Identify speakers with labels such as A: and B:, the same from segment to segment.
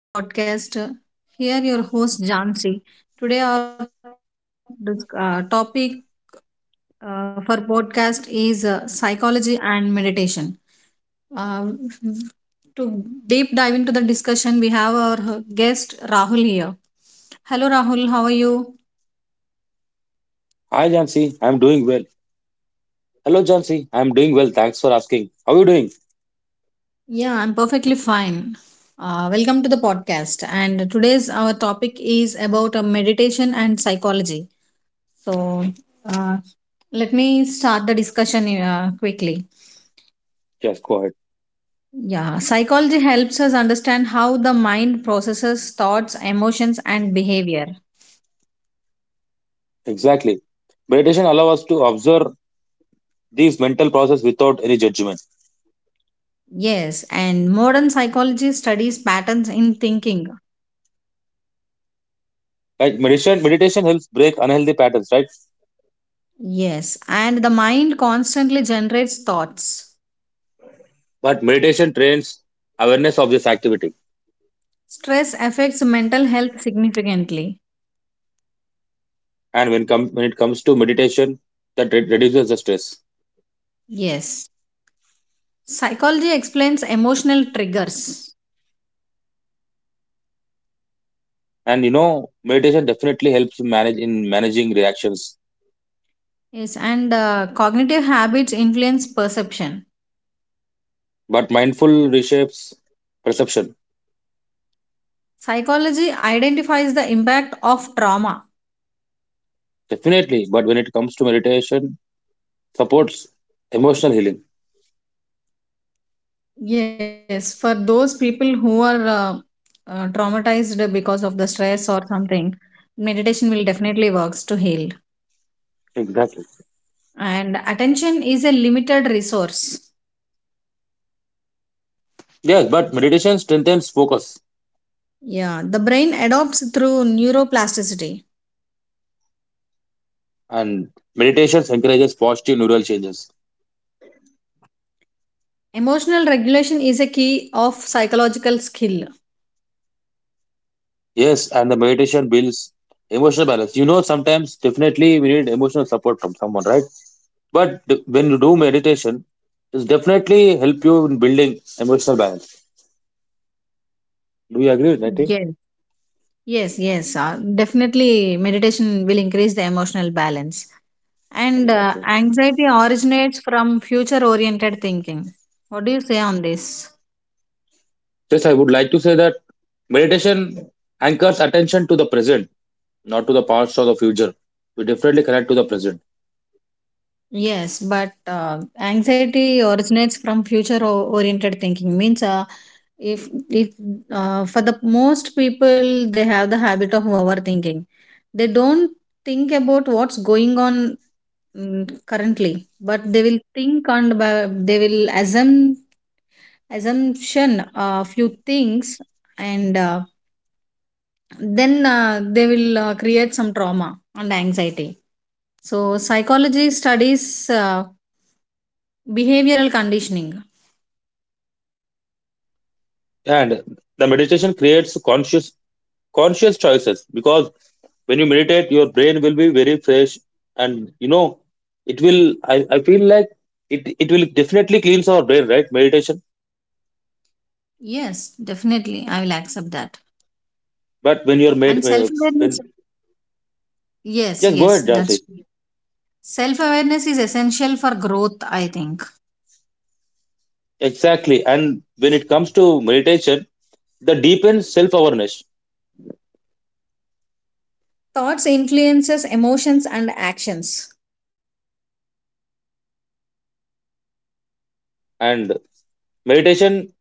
A: Hello everyone, welcome to the podcast. Here your host Jansi. Today our topic for podcast is psychology and meditation. Uh, to deep dive into the discussion, we have our guest Rahul here. Hello Rahul, how are you?
B: Hello, Jansi. I'm doing well. Thanks for asking. How are you doing?
A: Yeah, I'm perfectly fine. Welcome to the podcast. And today's our topic is about meditation and psychology. So, uh, let me start the discussion quickly.
B: Yes, go ahead.
A: Yeah, psychology helps us understand how the mind processes thoughts, emotions, and behavior.
B: Exactly. Meditation allows us to observe these mental process without any judgment.
A: Yes, and modern psychology studies patterns in thinking.
B: Like meditation helps break unhealthy patterns, right?
A: Yes, and the mind constantly generates thoughts.
B: But meditation trains awareness of this activity.
A: Stress affects mental health significantly.
B: And when it comes to meditation, that reduces the stress.
A: Yes, psychology explains emotional triggers.
B: And you know, meditation definitely helps manage in managing reactions.
A: Yes, and cognitive habits influence perception.
B: But mindful reshapes perception.
A: Psychology identifies the impact of trauma.
B: Definitely. But when it comes to meditation, supports emotional healing.
A: Yes, for those people who are traumatized because of the stress or something, meditation will definitely works to heal.
B: Exactly.
A: And attention is a limited resource.
B: Yes, but meditation strengthens focus,
A: Yeah, the brain adopts through neuroplasticity.
B: and meditation encourages positive neural changes.
A: Emotional regulation is a key of psychological skill.
B: Yes, and the meditation builds emotional balance. You know, sometimes definitely we need emotional support from someone, right? But when you do meditation, it definitely help you in building emotional balance. Do you agree with that?
A: Yes,
B: Team?
A: yes, yes. Definitely, meditation will increase the emotional balance. And
B: Yeah, absolutely.
A: anxiety originates from future oriented thinking. What do you say on this?
B: Yes, I would like to say that meditation anchors attention to the present, not to the past or the future. We definitely connect to the present.
A: Yes, but anxiety originates from future oriented thinking means, if for the most people, they have the habit of overthinking. They don't think about what's going on currently, but they will think and they will assume assumption a few things and then they will create some trauma and anxiety. So psychology studies behavioral conditioning.
B: And the meditation creates conscious choices because when you meditate your brain will be very fresh, and you know I feel like it will definitely cleanse our brain, right? Meditation.
A: Yes, definitely, I will accept that.
B: But when you're
A: And
B: made
A: self awareness.
B: when
A: Yes,
B: Just go
A: yes,
B: ahead,
A: that's
B: Jansi.
A: true. Self awareness is essential for growth, I think.
B: Exactly, and when it comes to meditation, the deepens self-awareness.
A: Thoughts influences emotions and actions.
B: And meditation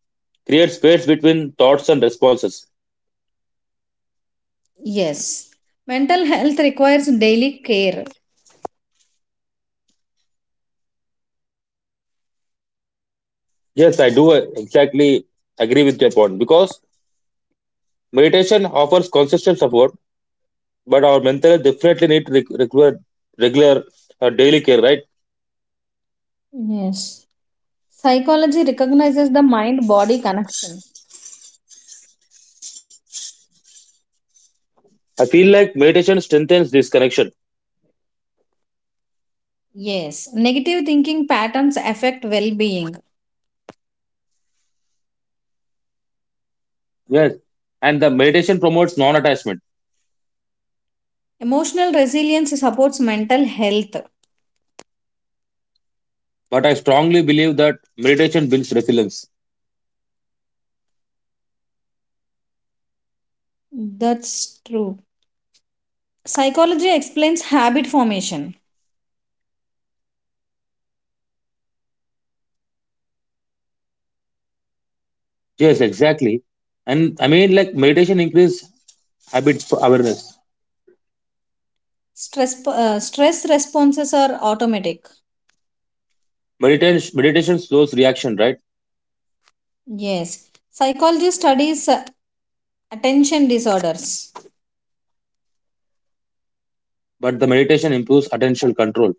B: creates space between thoughts and responses.
A: Yes, mental health requires daily care.
B: Yes, I do exactly agree with your point, because meditation offers consistent support, but our mental health definitely need regular daily care, right?
A: Yes, psychology recognizes the mind body connection.
B: I feel like meditation strengthens this connection.
A: Yes, negative thinking patterns affect well being.
B: Yes, and the meditation promotes non-attachment.
A: Emotional resilience supports mental health.
B: But I strongly believe that meditation builds resilience.
A: That's true. Psychology explains habit formation.
B: Yes, exactly. And I mean, like meditation increases habit for awareness.
A: Stress responses are automatic.
B: Meditation slows reaction, right?
A: Yes. Psychology studies attention disorders.
B: But the meditation improves attentional control,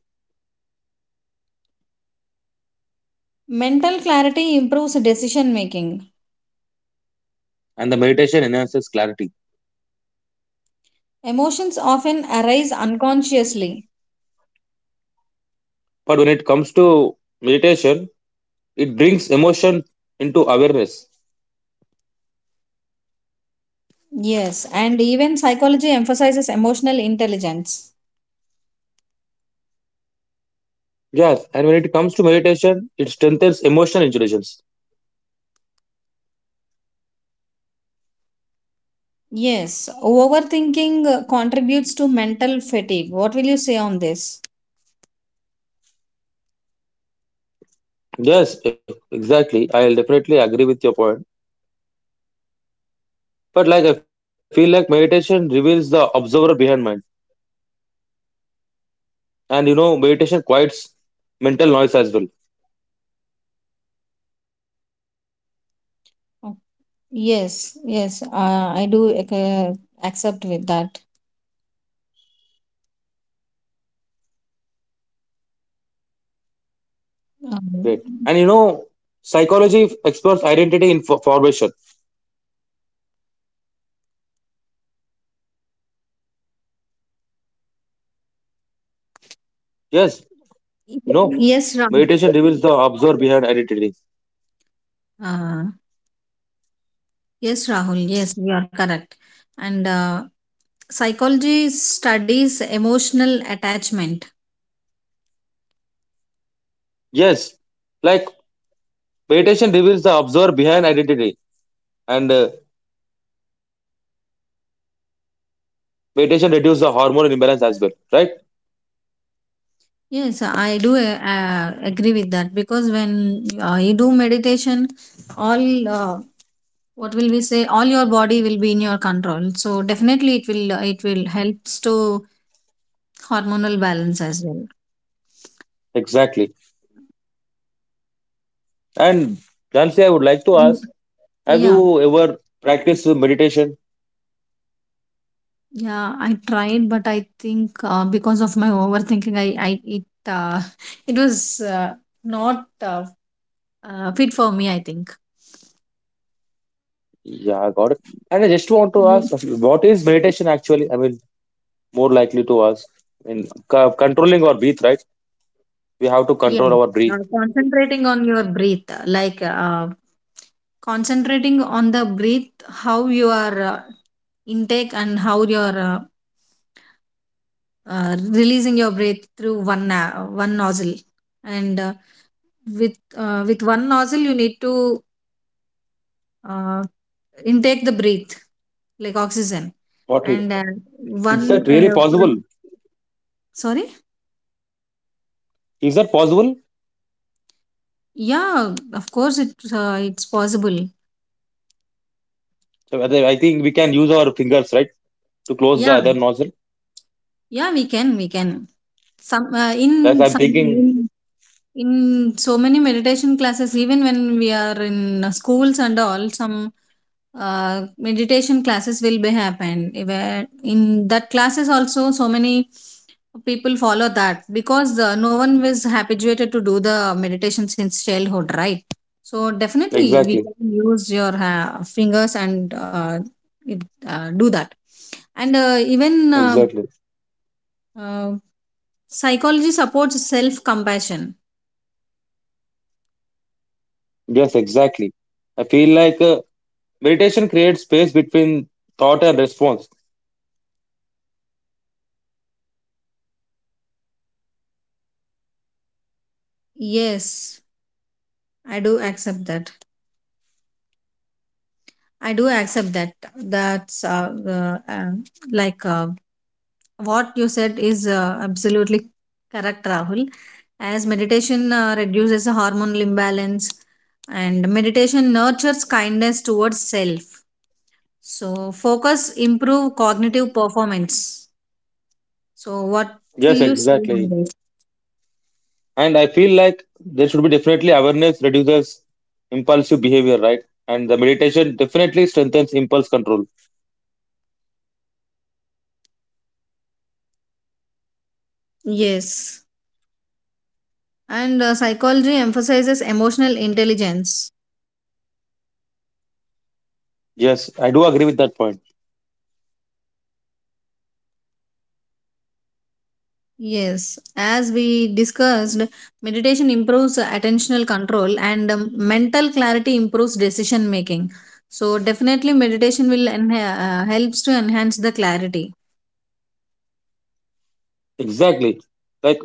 A: Mental clarity improves decision making.
B: and the meditation enhances clarity.
A: Emotions often arise unconsciously.
B: But when it comes to meditation, it brings emotion into awareness.
A: Yes, and even psychology emphasizes emotional intelligence.
B: Yes, and when it comes to meditation, it strengthens emotional intelligence.
A: Yes, overthinking contributes to mental fatigue. What will you say on this?
B: Yes, exactly. I'll definitely agree with your point. But like I feel like meditation reveals the observer behind mind. And meditation quiets mental noise as well.
A: Oh, yes, yes, I do accept with that.
B: Great.
A: Um,
B: And psychology explores identity formation. Yes, you know,
A: yes, Rahul.
B: meditation reveals the observer behind identity.
A: Uh, yes, Rahul. Yes, you are correct. And psychology studies emotional attachment.
B: Yes, like meditation reveals the observer behind identity. And meditation reduces the hormone imbalance as well. Right?
A: Yes, I do agree with that, because when you do meditation, all what will we say, all your body will be in your control, so definitely it will helps to hormonal balance as well.
B: Exactly. And Jansi, I would like to
A: And-
B: ask, have
A: yeah,
B: you ever practiced meditation?
A: yeah, I tried, but I think because of my overthinking, I it uh, it was uh, not uh, fit for me, I think.
B: Yeah, I got it. And I just want
A: Mm.
B: to ask, what is meditation actually? I mean, more likely to ask. In controlling our breath, right? We have to
A: Yeah,
B: control our breath.
A: concentrating on your breath, like concentrating on the breath, how you are intake and how your releasing your breath through one nozzle, and with with one nozzle you need to uh, intake the breath, like oxygen.
B: What it?
A: And
B: Is
A: one
B: that really
A: uh,
B: possible?
A: from- sorry.
B: Is that possible?
A: Yeah, of course it's possible.
B: So I think we can use our fingers, right, to close the
A: Yeah,
B: other nostril.
A: yeah, we can some
B: That's
A: in
B: I'm
A: some.
B: thinking.
A: In so many meditation classes, even when we are in schools and all, some meditation classes will be happened. Where in that classes also, so many people follow that because no one was habituated to do the meditation since childhood, right? So definitely, we
B: Exactly.
A: can use your fingers and it, do that. And even
B: Exactly.
A: uh, psychology supports self compassion.
B: Yes, exactly. I feel like meditation creates space between thought and response.
A: Yes, I do accept that. I do accept that. That's like, what you said is absolutely correct, Rahul. As meditation reduces hormonal imbalance, and meditation nurtures kindness towards self. So focus improve cognitive performance. So what will
B: Yes,
A: you say on
B: exactly.
A: this?
B: And I feel like there should be definitely awareness reduces impulsive behavior, right? And the meditation definitely strengthens impulse control.
A: Yes, and psychology emphasizes emotional intelligence.
B: Yes, I do agree with that point.
A: Yes, as we discussed, meditation improves attentional control, and mental clarity improves decision making. So definitely meditation will helps to enhance the clarity.
B: Exactly. Like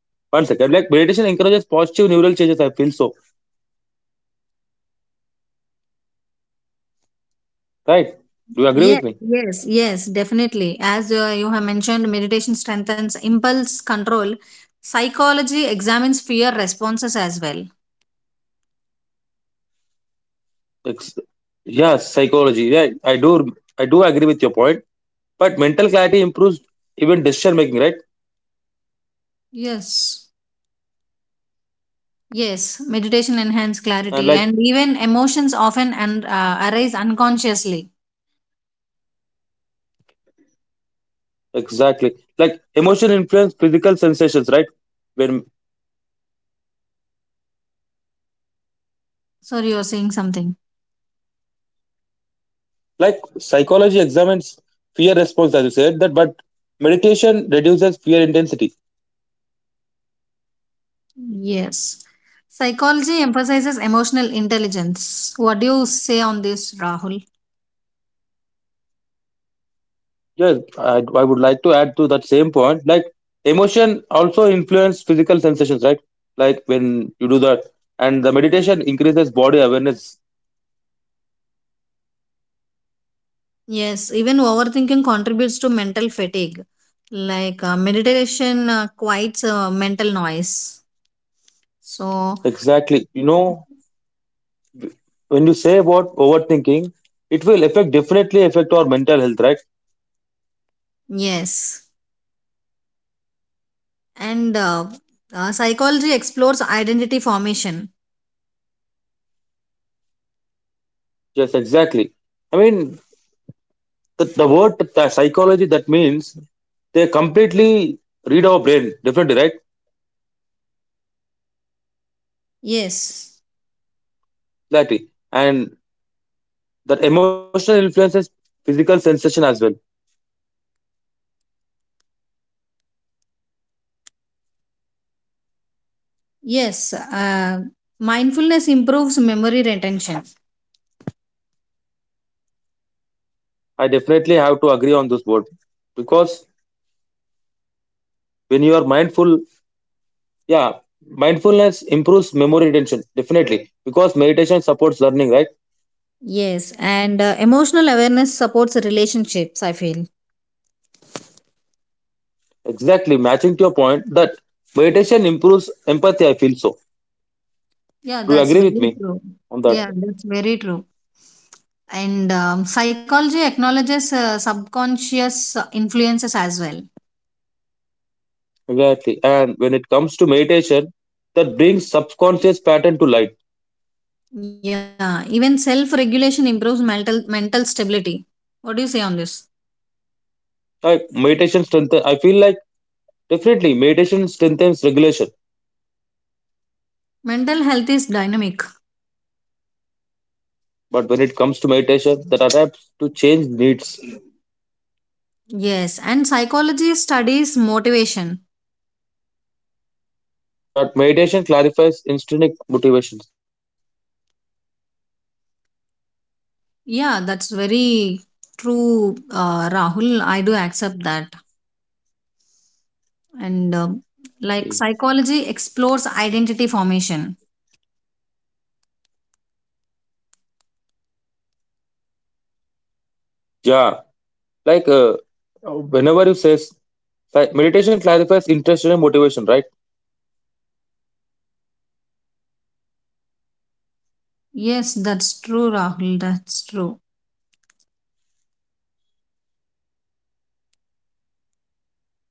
B: one second, like meditation encourages positive neural changes. I feel so, right? Do you
A: Yes,
B: agree with me?
A: yes, yes, definitely. As you have mentioned, meditation strengthens impulse control. Psychology examines fear responses as well.
B: Ex- Yes, psychology. Yeah, I do. I do agree with your point. But mental clarity improves even decision making, right?
A: Yes. Yes, meditation enhances
B: And
A: clarity,
B: like
A: and even emotions often and arise unconsciously.
B: exactly, like emotion influence physical sensations, right? When
A: Sorry, you're saying something.
B: like psychology examines fear response as you said, that but meditation reduces fear intensity.
A: Yes. Psychology emphasizes emotional intelligence. What do you say on this, Rahul?
B: Yes, I would like to add to that same point, like emotion also influence physical sensations, right, like when you do that. And the meditation increases body awareness.
A: Yes, even overthinking contributes to mental fatigue. Like, meditation quiets mental noise. So,
B: Exactly, you know, when you say about overthinking, it will affect definitely affect our mental health, right?
A: yes. And psychology explores identity formation.
B: Yes, exactly. I mean, the word the psychology, that means they completely read our brain differently, right?
A: Yes.
B: Exactly. And that emotional influences physical sensation as well.
A: Yes. Mindfulness improves memory retention.
B: I definitely have to agree on this word, because when you are mindful, yeah, mindfulness improves memory retention, definitely. Because meditation supports learning, right?
A: Yes. And emotional awareness supports relationships, I feel.
B: Exactly. Matching to your point that meditation improves empathy, I feel so.
A: Yeah,
B: Do you
A: that's
B: agree with
A: very
B: me
A: true.
B: on that?
A: Yeah, that's very true. And psychology acknowledges subconscious influences as well.
B: Exactly. And when it comes to meditation, that brings subconscious pattern to light.
A: Yeah, even self regulation improves mental stability. What do you say on this?
B: Like meditation strengthen, I feel like definitely meditation strengthens regulation.
A: Mental health is dynamic.
B: But when it comes to meditation, that adapts to change needs.
A: Yes, and psychology studies motivation.
B: But meditation clarifies intrinsic motivations.
A: Yeah, that's very true, Rahul. I do accept that. And like psychology explores identity formation.
B: Yeah, like whenever you says, like meditation clarifies interest and motivation, right?
A: Yes, that's true, Rahul. That's true.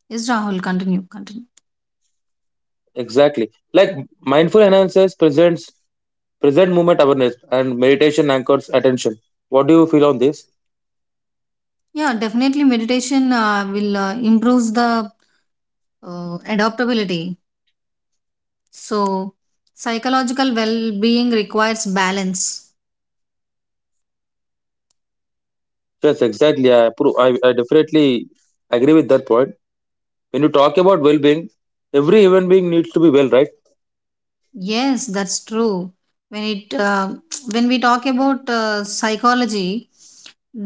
A: Yes, Rahul, continue, continue.
B: Exactly. Like mindful enhances present moment awareness, and meditation anchors attention. What do you feel on this?
A: Yeah, definitely meditation will improves the adaptability. So, psychological well-being requires balance.
B: Yes, exactly. I definitely agree with that point. When you talk about well-being, every human being needs to be well, right?
A: Yes, that's true. When it When we talk about psychology,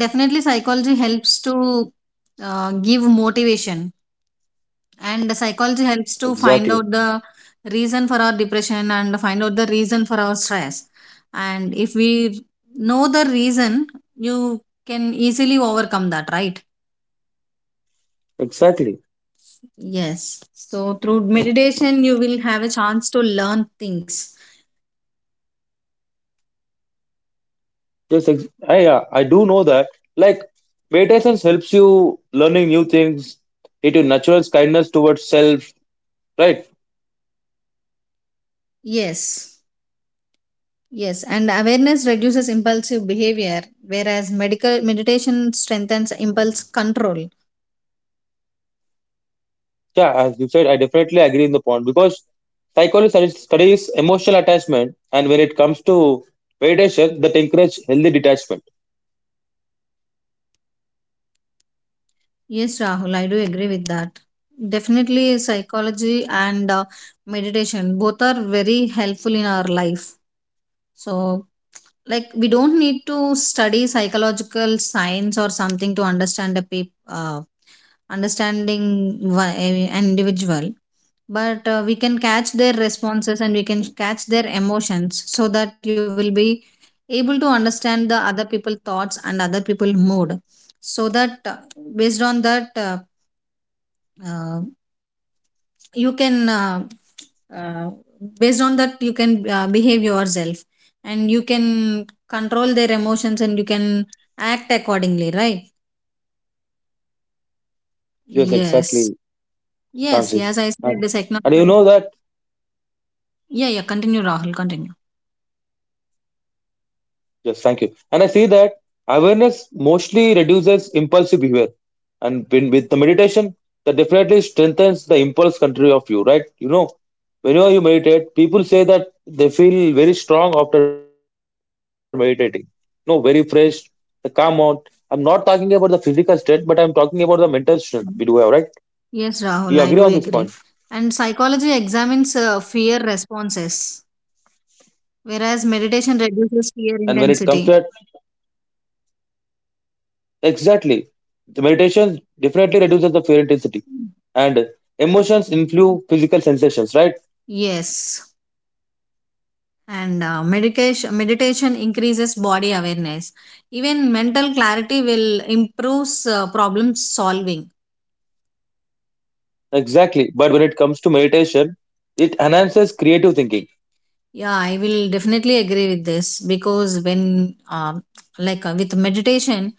A: definitely psychology helps to give motivation, and the psychology helps to
B: Exactly.
A: find out the reason for our depression and find out the reason for our stress. And if we know the reason, you can easily overcome that, right?
B: Exactly.
A: Yes, so through meditation you will have a chance to learn things.
B: Yes, I do know that. Like meditation helps you learning new things. It is natural kindness towards self, right?
A: Yes, yes, and awareness reduces impulsive behavior, whereas medical meditation strengthens impulse control.
B: Yeah, as you said, I definitely agree in the point because psychology studies emotional attachment, and when it comes to meditation, that encourage healthy detachment.
A: Yes, Rahul, I do agree with that. Definitely, psychology and meditation both are very helpful in our life. So, like, we don't need to study psychological science or something to understand a pe- understanding wha- an individual, but we can catch their responses and we can catch their emotions, so that you will be able to understand the other people thoughts and other people mood, so that based on that uh, you can uh, based on that you can behave yourself, and you can control their emotions and you can act accordingly, right?
B: Yes, exactly,
A: Yes, yes,
B: Chansi.
A: yes, I said
B: And
A: the
B: and you
A: psychology.
B: know that.
A: Yeah, yeah, continue, Rahul, continue.
B: Yes, thank you. And I see that awareness mostly reduces impulsive behavior. And when, with the meditation, that definitely strengthens the impulse control of you, right? You know, whenever you meditate, people say that they feel very strong after meditating. No, very fresh, they calm out. I'm not talking about the physical strength, but I'm talking about the mental strength we do have, right?
A: Mm.
B: Do you agree on
A: Yes,
B: this point?
A: Rahul, I do agree. And psychology examines fear responses, whereas meditation reduces
B: And
A: fear
B: when it comes to that,
A: intensity.
B: exactly. The meditation definitely reduces the fear intensity. And emotions influence physical sensations, right?
A: Yes, and medication meditation increases body awareness. Even mental clarity will improves problem solving.
B: Exactly. But when it comes to meditation, it enhances creative thinking.
A: Yeah, I will definitely agree with this, because when, like, with meditation,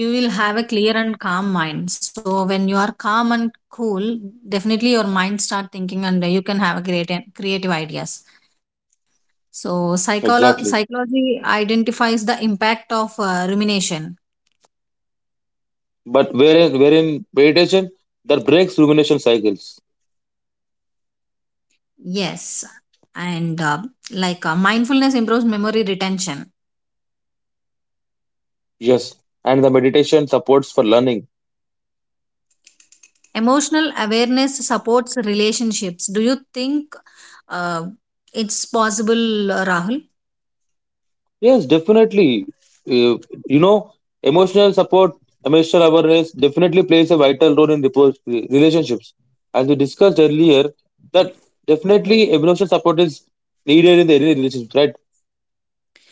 A: you will have a clear and calm mind, so when you are calm and cool, definitely your mind start thinking, and you can have a great creative ideas. So
B: Exactly.
A: psychology identifies the impact of rumination.
B: But wherein meditation, that breaks rumination cycles.
A: Yes, and like, mindfulness improves memory retention.
B: Yes. And the meditation supports for learning.
A: Emotional awareness supports relationships. Do you think uh, it's possible, Rahul?
B: Yes, definitely. Uh, you know, emotional support, emotional awareness definitely plays a vital role in relationships. As we discussed earlier, that definitely emotional support is needed in the any relationship, right?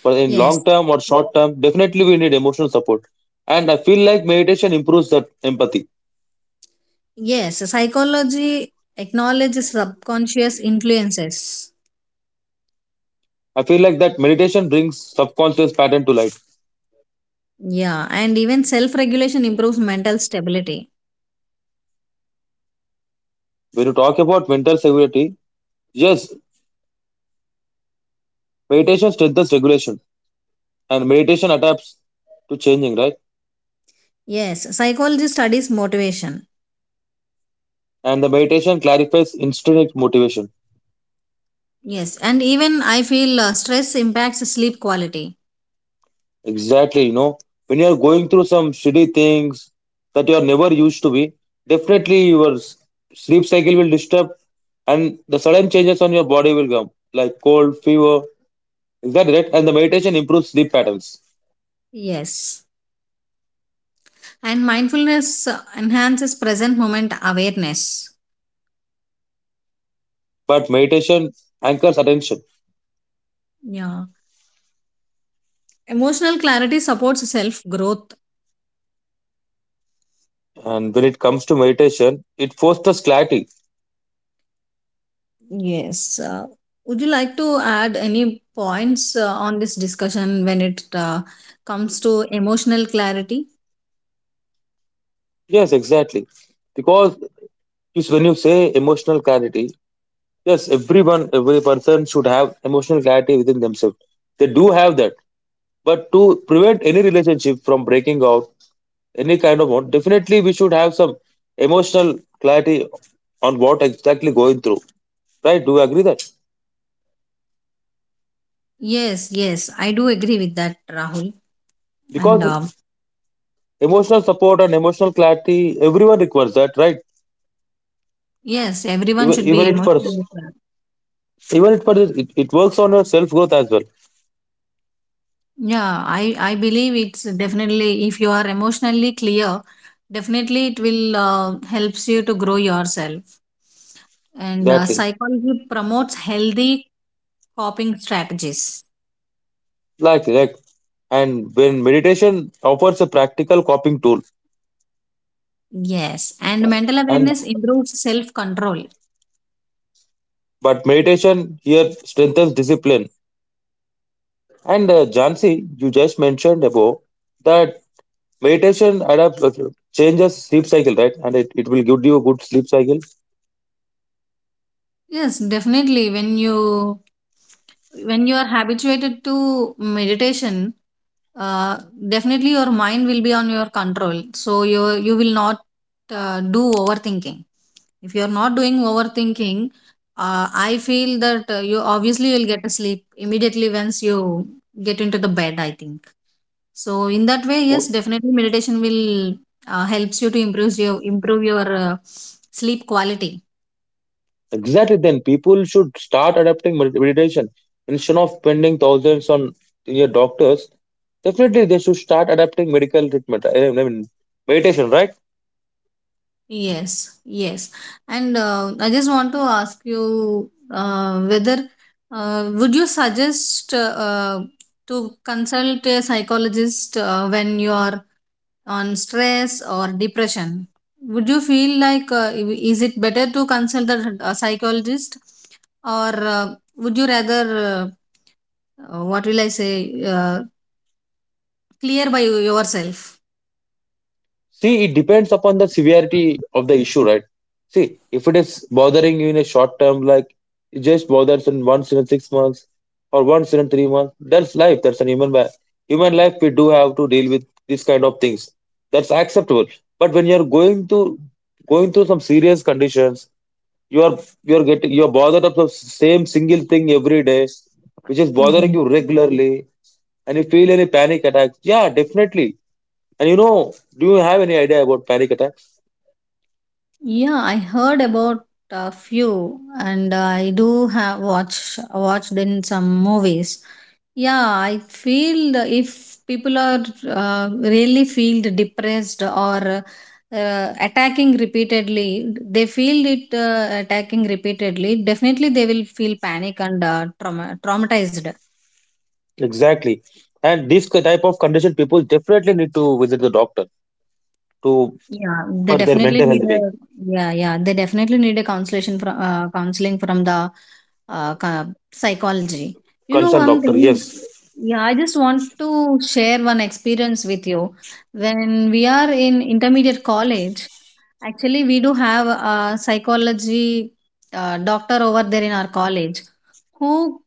B: But in long
A: Yes,
B: term or short term, definitely we need emotional support. And I feel like meditation improves that empathy.
A: yes. Psychology acknowledges subconscious influences.
B: I feel like that meditation brings subconscious pattern to light.
A: Yeah, and even self regulation improves mental stability.
B: When you talk about mental stability, yes, meditation strengthens regulation, and meditation adapts to changing, right?
A: Yes, psychology studies motivation.
B: And the meditation clarifies intrinsic motivation.
A: Yes, and even I feel stress impacts sleep quality.
B: Exactly, you know, when you are going through some shitty things that you are never used to be, definitely your sleep cycle will disturb, and the sudden changes on your body will come, like cold, fever. Exactly right. And the meditation improves sleep patterns.
A: Yes. And mindfulness enhances present moment awareness.
B: But meditation anchors attention.
A: Yeah. Emotional clarity supports self growth.
B: And when it comes to meditation, it fosters clarity.
A: Yes. Would you like to add any points on this discussion when it comes to emotional clarity?
B: Yes, exactly. Because when you say emotional clarity, yes, everyone, every person should have emotional clarity within themselves. They do have that. But to prevent any relationship from breaking out, any kind of one, definitely we should have some emotional clarity on what exactly going through. Right? Do you agree that?
A: Yes, yes. I do agree with that, Rahul. And
B: Because emotional support and emotional clarity, everyone requires that, right?
A: yes, everyone
B: Even
A: should be
B: even it for
A: emotionally clear.
B: even it works on your self growth as well.
A: Yeah, I believe it's definitely, if you are emotionally clear, definitely it will helps you to grow yourself. And
B: Exactly.
A: psychology promotes healthy coping strategies.
B: Like and when meditation offers a practical coping tool,
A: Yes, and mental
B: and
A: awareness improves self control.
B: but meditation here strengthens discipline. And Jansi, you just mentioned above that meditation adapt changes sleep cycle, right, and it will give you a good sleep cycle.
A: Yes, definitely, when you are habituated to meditation, uh, definitely your mind will be on your control, so you will not do overthinking. If you are not doing overthinking, I feel that you obviously will get a sleep immediately once you get into the bed, I think. So in that way, yes,
B: Oh,
A: definitely meditation will helps you to improve your sleep quality.
B: exactly, then people should start adapting meditation instead of spending thousands on your doctors. Definitely they should start adapting medical treatment, I mean meditation, right?
A: Yes, yes, and I just want to ask you whether, would you suggest uh, to consult a psychologist when you are on stress or depression? Would you feel like, is it better to consult the psychologist, or would you rather, uh, what will I say? Clear by yourself.
B: See, it depends upon the severity of the issue, right? See, if it is bothering you in a short term, like it just bothers in once in 6 months or once in 3 months, that's life. That's an human life. Human life, we do have to deal with these kind of things. That's acceptable. But when you're going through some serious conditions, you are you are bothered of the same single thing every day, which is bothering
A: Mm.
B: you regularly, and you feel any panic attacks. Yeah, definitely. And you know, do you have any idea about panic attacks?
A: Yeah, I heard about a few, and I do have watched in some movies. Yeah, I feel if people are uh, really feel depressed or attacking repeatedly, they feel it attacking repeatedly. Definitely, they will feel panic and traumatized.
B: Exactly. And this type of condition, people definitely need to visit the doctor to
A: Yeah, they
B: for their
A: definitely
B: mental
A: need
B: health being.
A: a, yeah, yeah. They definitely need a consultation from counseling from the uh, ca- psychology. You know
B: Concerned
A: one
B: doctor,
A: thing.
B: yes.
A: Yeah, I just want to share one experience with you. When we are in intermediate college, actually we do have a psychology doctor over there in our college, who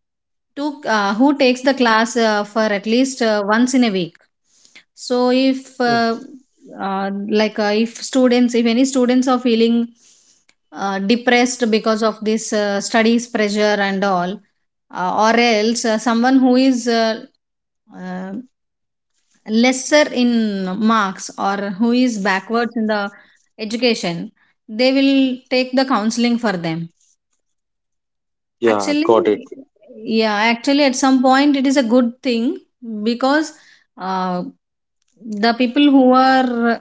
A: who takes the class for at least once in a week. So if
B: Mm.
A: uh, like, if any students are feeling depressed because of this studies pressure and all, or else someone who is uh, lesser in marks, or who is backwards in the education, they will take the counseling for them.
B: Yeah,
A: Actually,
B: got it.
A: yeah, actually, at some point, it is a good thing, because uh, the people who are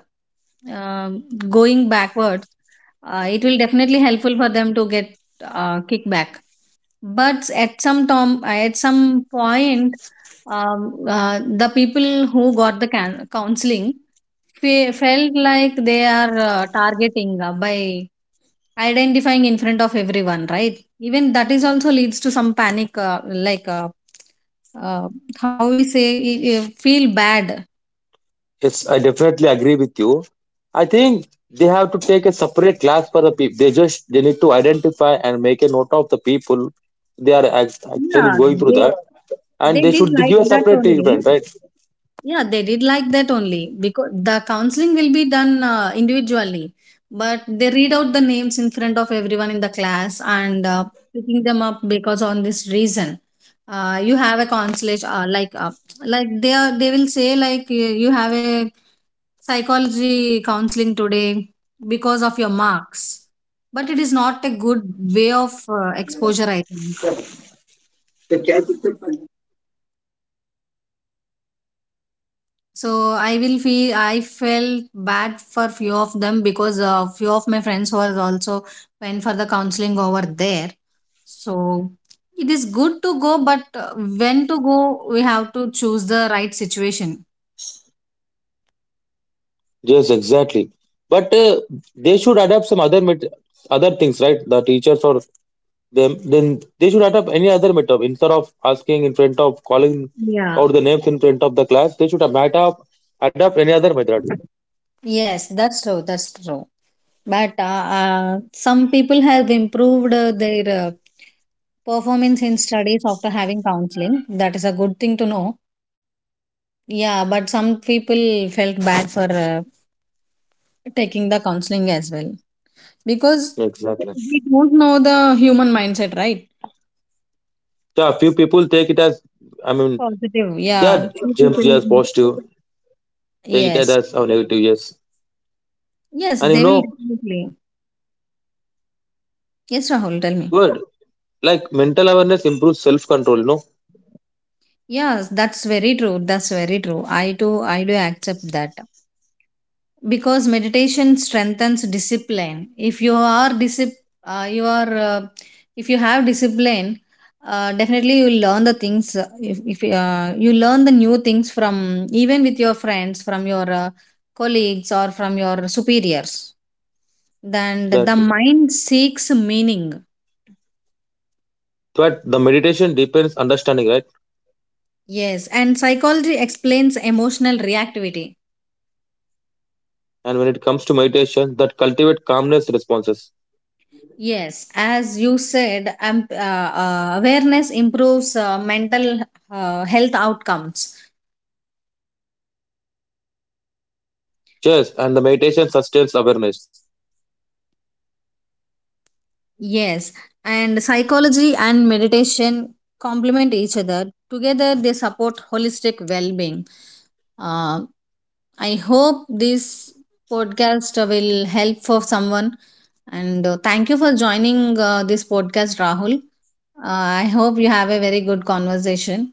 A: uh, going backwards, it will definitely helpful for them to get kickback. But at some point, the people who got the counseling felt like they are targeting by identifying in front of everyone, right? Even that is also leads to some panic, like, uh, how we say, you feel bad.
B: Yes, I definitely agree with you. I think they have to take a separate class for the people. They just they need to identify and make a note of the people they are actually
A: Yeah,
B: going through
A: they
B: that, and
A: they
B: they
A: did
B: should
A: like
B: give a
A: that
B: separate treatment,
A: only.
B: right?
A: Yeah, they did like that only, because the counseling will be done individually, but they read out the names in front of everyone in the class, and picking them up because on this reason, you have a consulate, like, like they will say like, you have a psychology counseling today because of your marks, but it is not a good way of exposure, I think. So I will feel I felt bad for few of them because few of my friends was also went for the counseling over there. So it is good to go, but when to go, we have to choose the right situation.
B: Yes, exactly. But they should adapt some other other things, right? The teachers or them, then they should adapt any other method instead of asking in front of calling
A: Yeah.
B: out the names in front of the class. They should adapt any other method.
A: Yes, that's true. That's true. But some people have improved their performance in studies after having counseling. That is a good thing to know. Yeah, but some people felt bad for taking the counseling as well, because
B: Exactly.
A: we don't know the human mindset, right?
B: Yeah, few people take it as, I mean,
A: Positive, yeah.
B: that
A: Few
B: jumps as
A: people-
B: positive, take it
A: yes,
B: as a negative. Yes,
A: yes,
B: and
A: they will definitely. Yes, Rahul, tell me.
B: good, like mental awareness improves self control. You know,
A: Yes, that's very true. That's very true. I do accept that, because meditation strengthens discipline. If you are disip- you are if you have discipline, definitely you will learn the things. If you learn the new things from, even with your friends, from your colleagues or from your superiors, then the
B: exactly.
A: mind seeks meaning.
B: But the meditation deepens understanding, right?
A: Yes, and psychology explains emotional reactivity.
B: And when it comes to meditation, that cultivate calmness responses.
A: Yes, as you said, awareness improves mental health outcomes.
B: Yes, and the meditation sustains awareness.
A: Yes, and psychology and meditation complement each other. Together, they support holistic well being. Uh, I hope this podcast will help for someone. And thank you for joining this podcast, Rahul. Uh, I hope you have a very good conversation.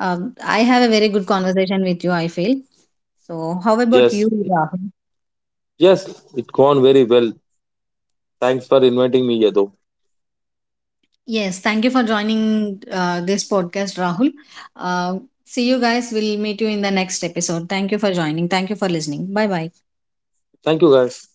A: Um, I have a very good conversation with you, I feel. So, how about
B: Yes,
A: you, Rahul?
B: yes, it gone very well. Thanks for inviting me, Yadav.
A: Yes, thank you for joining this podcast, Rahul. Uh, See you guys. We'll meet you in the next episode. Thank you for joining. Thank you for listening. Bye bye.
B: Thank you, guys.